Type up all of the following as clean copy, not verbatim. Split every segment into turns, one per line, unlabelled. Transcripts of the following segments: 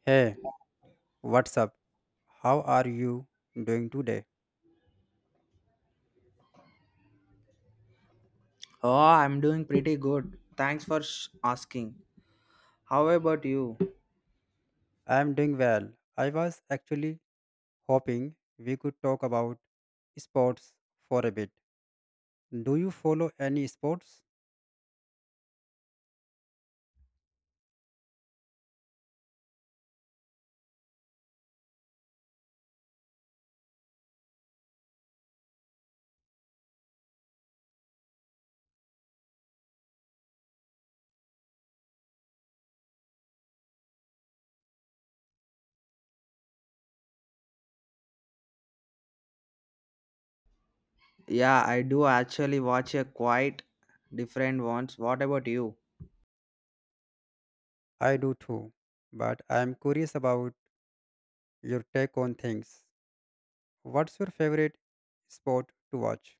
Hey, what's up? How are you doing today?
Oh, I'm doing pretty good. Thanks for asking. How about you?
I'm doing well. I was actually hoping we could talk about sports for a bit. Do you follow any sports?
Yeah, I do actually watch a quite different ones. What about you?
I do too, but I'm curious about your take on things. What's your favorite sport to watch?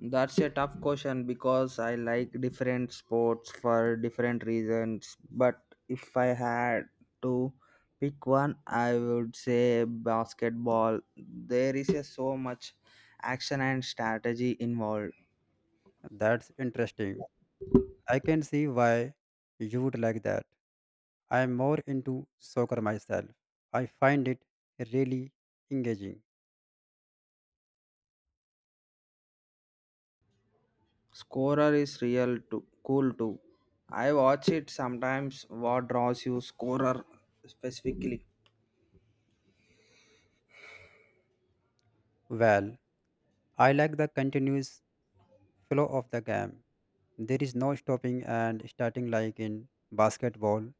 That's a tough question because I like different sports for different reasons. But if I had to pick one, I would say basketball. There is a so much action and strategy involved.
That's interesting. I can see why you would like that. I'm more into soccer myself. I find it really engaging.
Scorer is real too, cool too. I watch it sometimes. What draws you, scorer specifically?
Well, I like the continuous flow of the game. There is no stopping and starting like in basketball.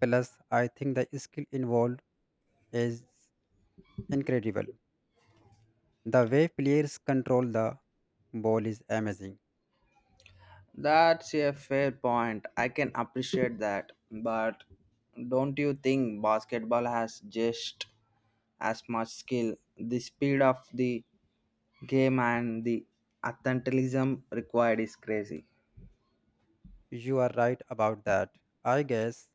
Plus, I think the skill involved is incredible. The way players control the ball is amazing.
That's a fair point. I can appreciate that. But don't you think basketball has just as much skill? The speed of the game and the athleticism required is crazy.
You are right about that. I guess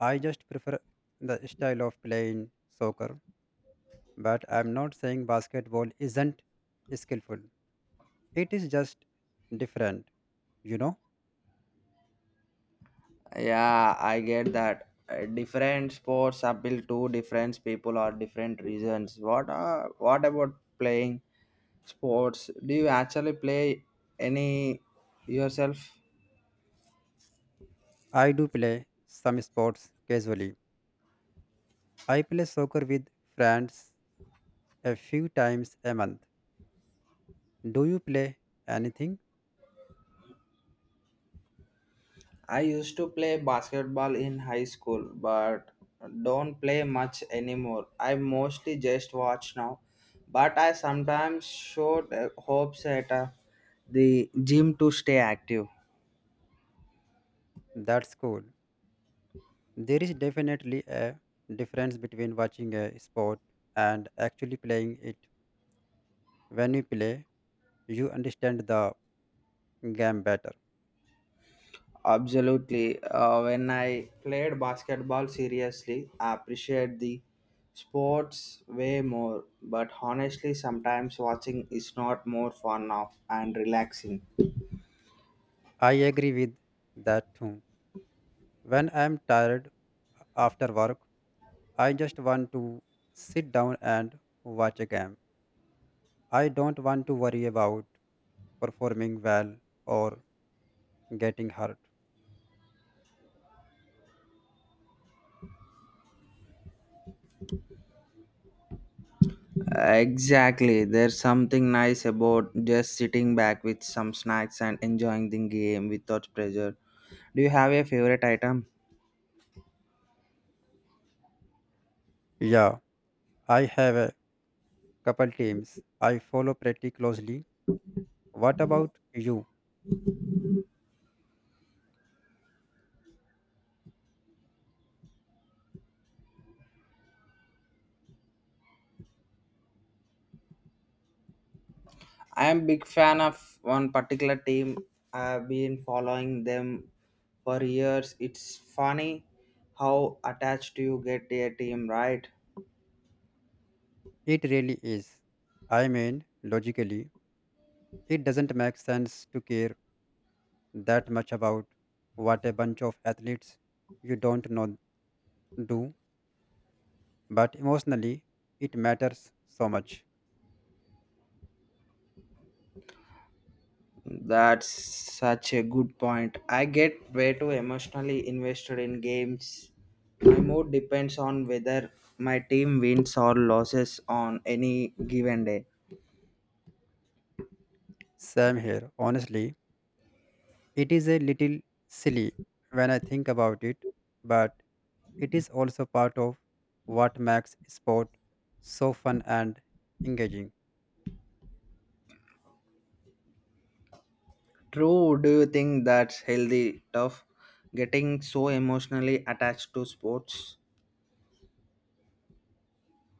I just prefer the style of playing soccer, but I'm not saying basketball isn't skillful. It is just different, you know.
Yeah, I get that. Different sports appeal to different people or different reasons. What are what about playing sports? Do you actually play any yourself?
I do play some sports casually. I play soccer with friends a few times a month. Do you play anything?
I used to play basketball in high school, but don't play much anymore. I mostly just watch now, but I sometimes shoot hopes at the gym to stay active.
That's cool. There is definitely a difference between watching a sport and actually playing it. When you play, you understand the game better.
Absolutely. When I played basketball seriously, I appreciate the sports way more. But honestly, sometimes watching is not more fun now and relaxing.
I agree with that too. When I'm tired after work, I just want to sit down and watch a game. I don't want to worry about performing well or getting hurt.
Exactly. There's something nice about just sitting back with some snacks and enjoying the game without pressure. Do you have a favorite item?
Yeah. I have a couple teams I follow pretty closely. What about you?
I am big fan of one particular team. I've been following them for years. It's funny how attached you get to a team, right?
It really is. I mean, logically, it doesn't make sense to care that much about what a bunch of athletes you don't know do, but emotionally, it matters so much.
That's such a good point. I get way too emotionally invested in games. My mood depends on whether my team wins or loses on any given day.
Same here, honestly. It is a little silly when I think about it, but it is also part of what makes sport so fun and engaging.
True, do you think that's healthy, tough, getting so emotionally attached to sports?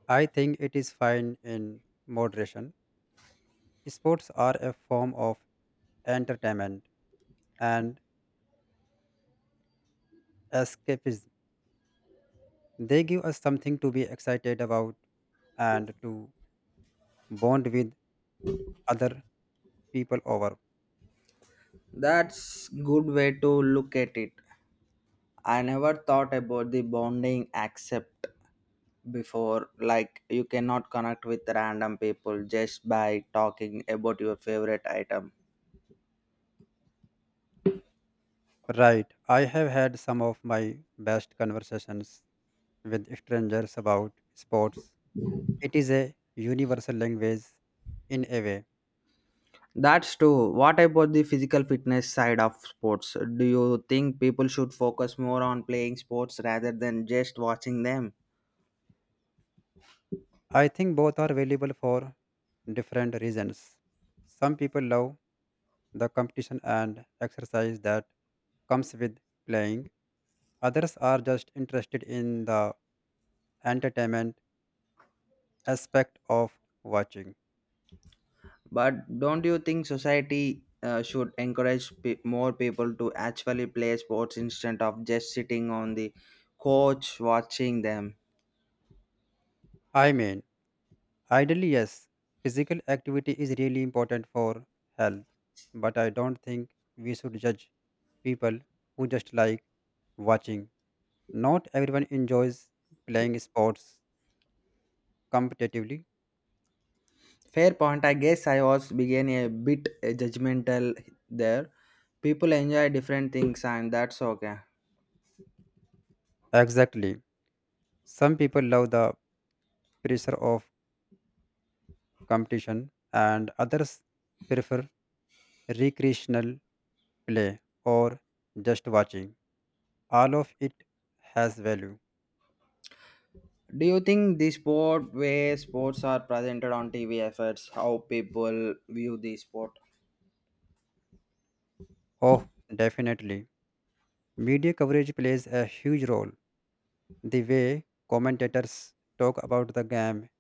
I think it is fine in moderation. Sports are a form of entertainment and escapism. They give us something to be excited about and to bond with other people over.
That's good way to look at it. I never thought about the bonding accept before like you cannot connect with random people just by talking about your favorite item.
Right. I have had some of my best conversations with strangers about sports. It is a universal language in a way.
That's true. What about the physical fitness side of sports? Do you think people should focus more on playing sports rather than just watching them?
I think both are valuable for different reasons. Some people love the competition and exercise that comes with playing. Others are just interested in the entertainment aspect of watching.
But don't you think society should encourage more people to actually play sports instead of just sitting on the couch watching them?
I mean, ideally, yes, physical activity is really important for health, but I don't think we should judge people who just like watching. Not everyone enjoys playing sports competitively.
Fair point. I guess I was began a bit judgmental there. People enjoy different things, and that's okay.
Exactly. Some people love the pressure of competition, and others prefer recreational play or just watching. All of it has value.
Do you think the sport where sports are presented on TV efforts, how people view the sport?
Oh, definitely. Media coverage plays a huge role. The way commentators talk about the game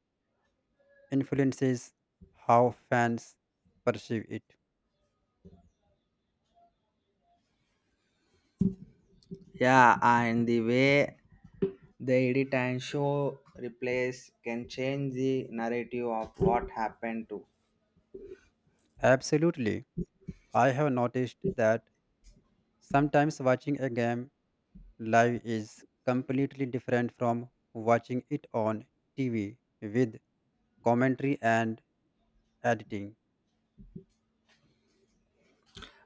influences how fans perceive it.
Yeah, and the way they edit and show replace can change the narrative of what happened to.
Absolutely. I have noticed that sometimes watching a game live is completely different from watching it on TV with commentary and editing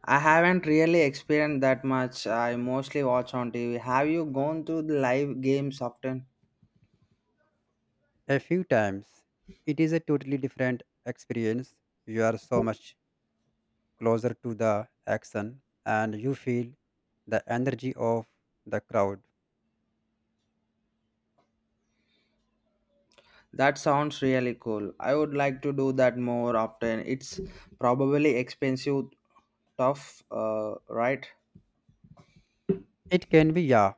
I haven't really experienced that much. I mostly watch on TV. Have you gone to the live games often?
a few times. It is a totally different experience. You are so much closer to the action and you feel the energy of the crowd.
That sounds really cool. I would like to do that more often. It's probably expensive, tough, right?
It can be, yeah,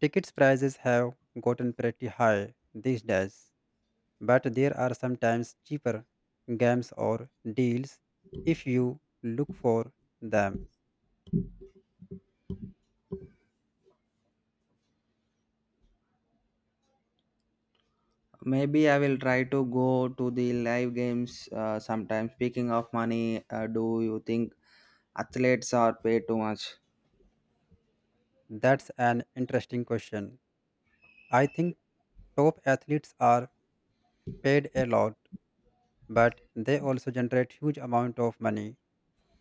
tickets prices have gotten pretty high these days, but there are sometimes cheaper games or deals if you look for them.
Maybe I will try to go to the live games sometime. Speaking of money, do you think athletes are paid too much?
That's an interesting question. I think top athletes are paid a lot but they also generate huge amount of money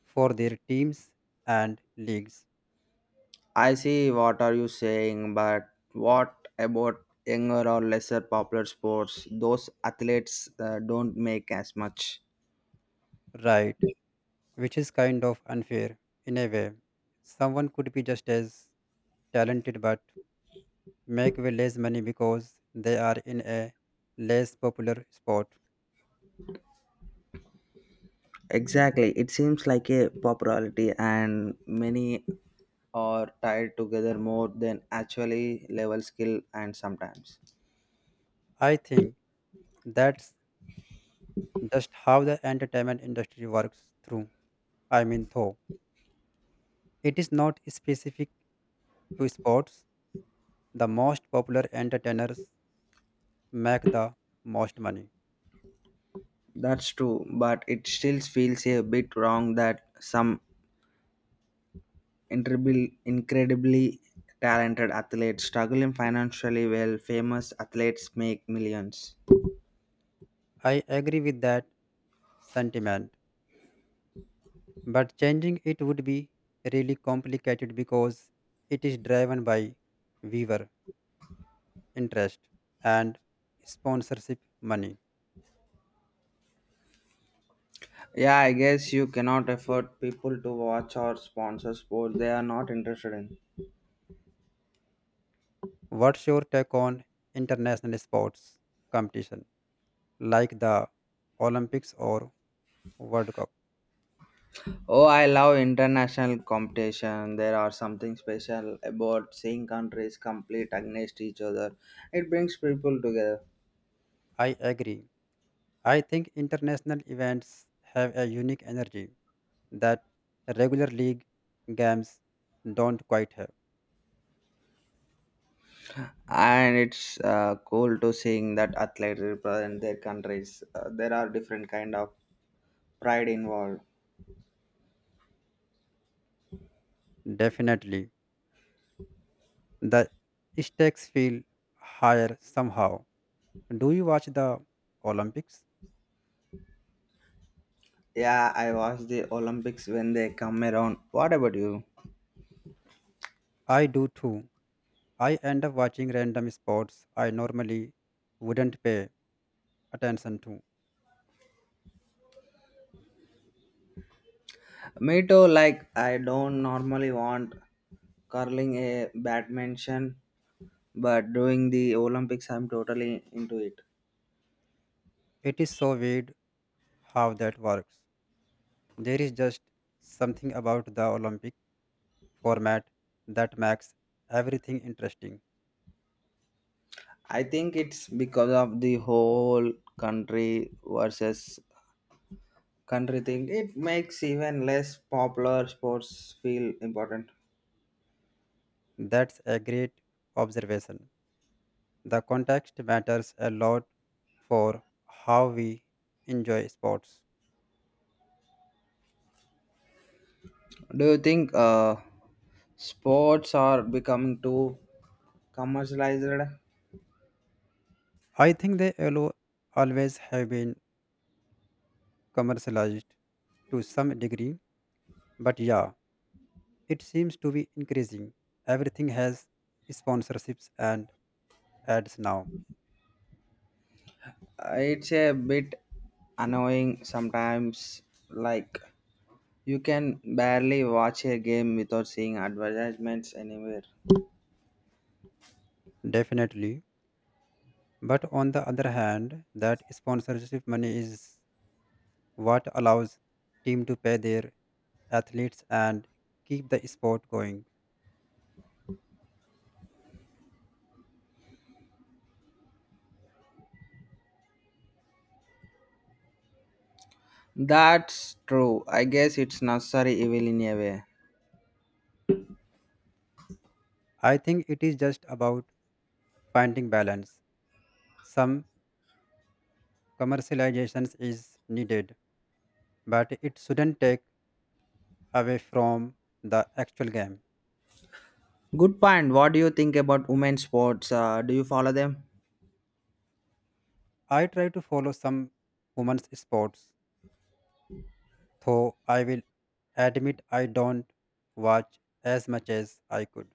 for their teams and leagues.
I see what are you saying, but what about younger or lesser popular sports? Those athletes don't make as much.
Right, which is kind of unfair in a way. Someone could be just as talented but make way less money because they are in a less popular sport.
Exactly. It seems like a popularity and many are tied together more than actually level skill and sometimes.
I think that's just how the entertainment industry works through. I mean though it is not specific to sports, the most popular entertainers make the most money.
That's true, but it still feels a bit wrong that some incredibly talented athletes struggling financially while famous athletes make millions.
I agree with that sentiment, but changing it would be really complicated because it is driven by viewer interest and sponsorship money.
Yeah, I guess you cannot afford people to watch or sponsor sports they are not interested in.
What's your take on international sports competition like the Olympics or World Cup?
Oh, I love international competition. There are something special about seeing countries compete against each other. It brings people together.
I agree. I think international events have a unique energy that regular league games don't quite have.
And it's cool to seeing that athletes represent their countries there are different kind of pride involved.
Definitely. The stakes feel higher somehow. Do you watch the Olympics?
Yeah, I watch the Olympics when they come around. What about you?
I do too. I end up watching random sports I normally wouldn't pay attention to.
Me too. Like I don't normally want curling a badminton, but during the Olympics I'm totally into it.
It is so weird how that works. There is just something about the Olympic format that makes everything interesting.
I think it's because of the whole country versus country thing. It makes even less popular sports feel important.
That's a great observation. The context matters a lot for how we enjoy sports.
Do you think sports are becoming too commercialized?
I think they always have been commercialized to some degree, but yeah, it seems to be increasing. Everything has sponsorships and ads now,
It's a bit annoying sometimes. Like you can barely watch a game without seeing advertisements anywhere.
definitely. But on the other hand, that sponsorship money is what allows team to pay their athletes and keep the sport going.
That's true. I guess it's necessary evil in a way.
I think it is just about finding balance. Some commercializations is needed, but it shouldn't take away from the actual game.
Good point. What do you think about women's sports? Do you follow them?
I try to follow some women's sports, though I will admit I don't watch as much as I could.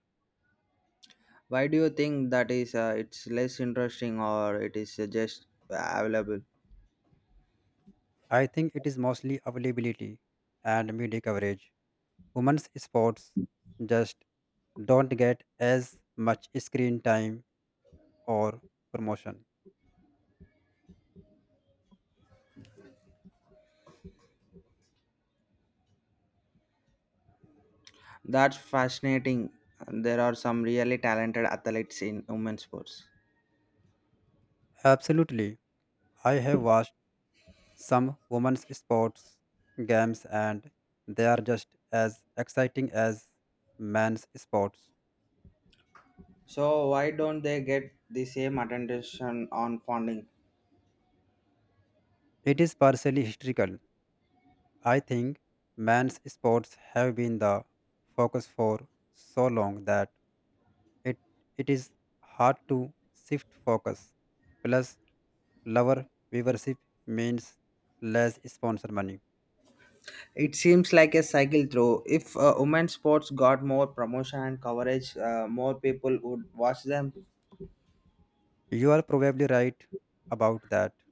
Why do you think that is? It's less interesting, or it is just available?
I think it is mostly availability and media coverage. Women's sports just don't get as much screen time or promotion.
That's fascinating. There are some really talented athletes in women's sports.
Absolutely, I have watched some women's sports games and they are just as exciting as men's sports.
So why don't they get the same attention on funding?
It is partially historical. I think men's sports have been the focus for so long that it, it is hard to shift focus. Plus, lower viewership means less sponsor money.
It seems like a cycle through. If women's sports got more promotion and coverage, more people would watch them.
You are probably right about that.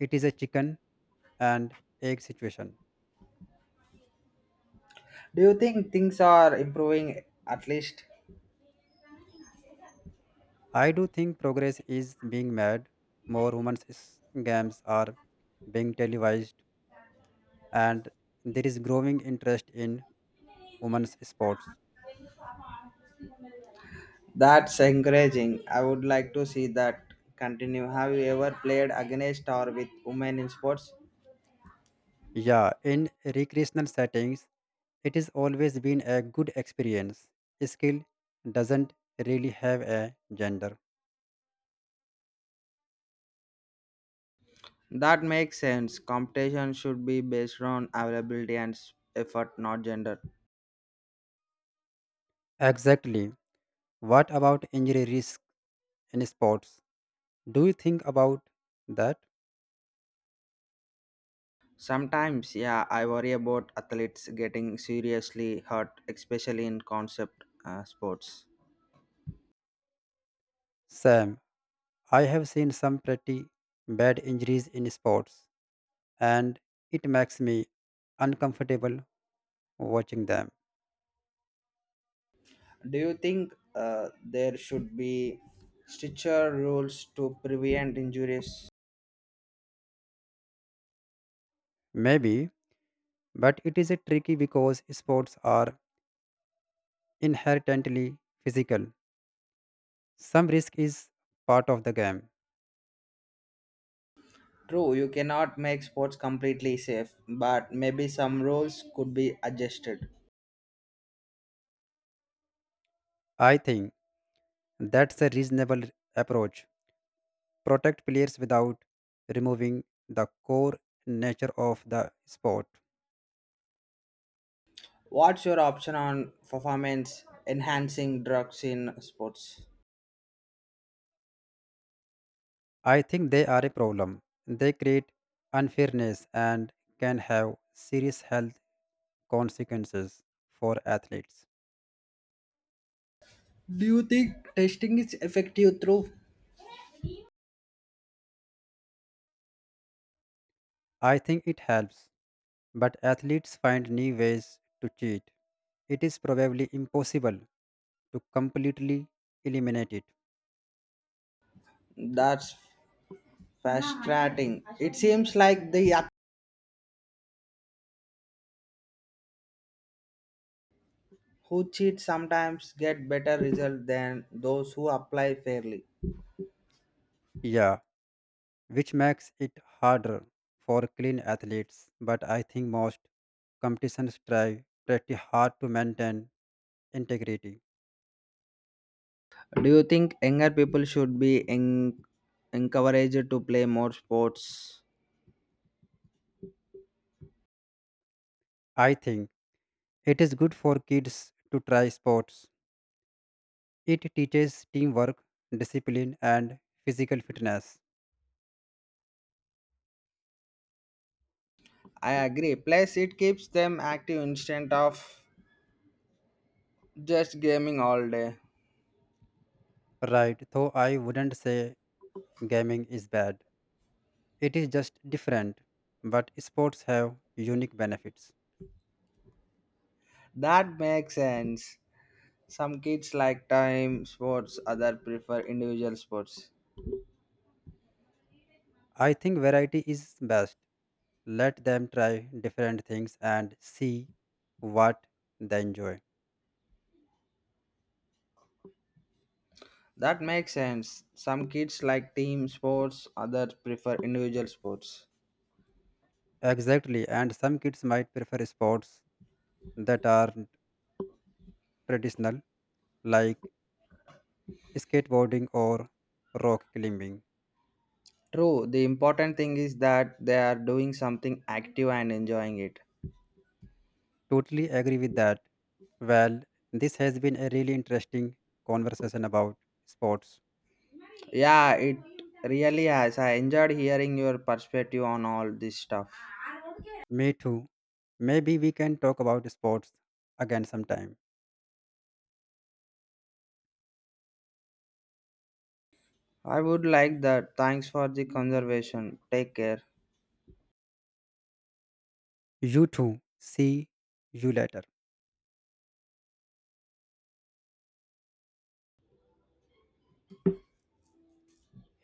It is a chicken and egg situation.
Do you think things are improving at least?
I do think progress is being made. More games are being televised, and there is growing interest in women's sports.
That's encouraging. I would like to see that continue. Have you ever played against or with women in sports?
Yeah, in recreational settings, it has always been a good experience. Skill doesn't really have a gender.
That makes sense. Competition should be based on availability and effort, not gender.
Exactly. What about injury risk in sports? Do you think about that?
Sometimes, yeah, I worry about athletes getting seriously hurt, especially in concept sports.
Sam, I have seen some pretty bad injuries in sports, and it makes me uncomfortable watching them.
Do you think there should be stricter rules to prevent injuries?
Maybe, but it is a tricky because sports are inherently physical. Some risk is part of the game.
True, you cannot make sports completely safe, but maybe some rules could be adjusted.
I think that's a reasonable approach. Protect players without removing the core nature of the sport.
What's your option on performance enhancing drugs in sports?
I think they are a problem. They create unfairness and can have serious health consequences for athletes.
Do you think testing is effective through
I think it helps, but athletes find new ways to cheat. It is probably impossible to completely eliminate it.
that's frustrating? It seems like the yuck who cheat sometimes get better results than those who apply fairly.
Yeah, which makes it harder for clean athletes. But I think most competitions try pretty hard to maintain integrity.
Do you think younger people should be encouraged to play more sports?
I think it is good for kids to try sports. It teaches teamwork, discipline, and physical fitness.
I agree. Plus, it keeps them active instead of just gaming all day.
Right, though I wouldn't say gaming is bad. It is just different, but sports have unique benefits.
That makes sense. Some kids like time sports, others prefer individual sports.
I think variety is best. Let them try different things and see what they enjoy.
That makes sense. Some kids like team sports, others prefer individual sports.
Exactly, and some kids might prefer sports that are traditional, like skateboarding or rock climbing.
True, the important thing is that they are doing something active and enjoying it.
Totally agree with that. Well, this has been a really interesting conversation about sports.
Yeah, it really has. I enjoyed hearing your perspective on all this stuff.
Me too. Maybe we can talk about sports again sometime.
I would like that. Thanks for the conservation. Take care.
You too. See you later.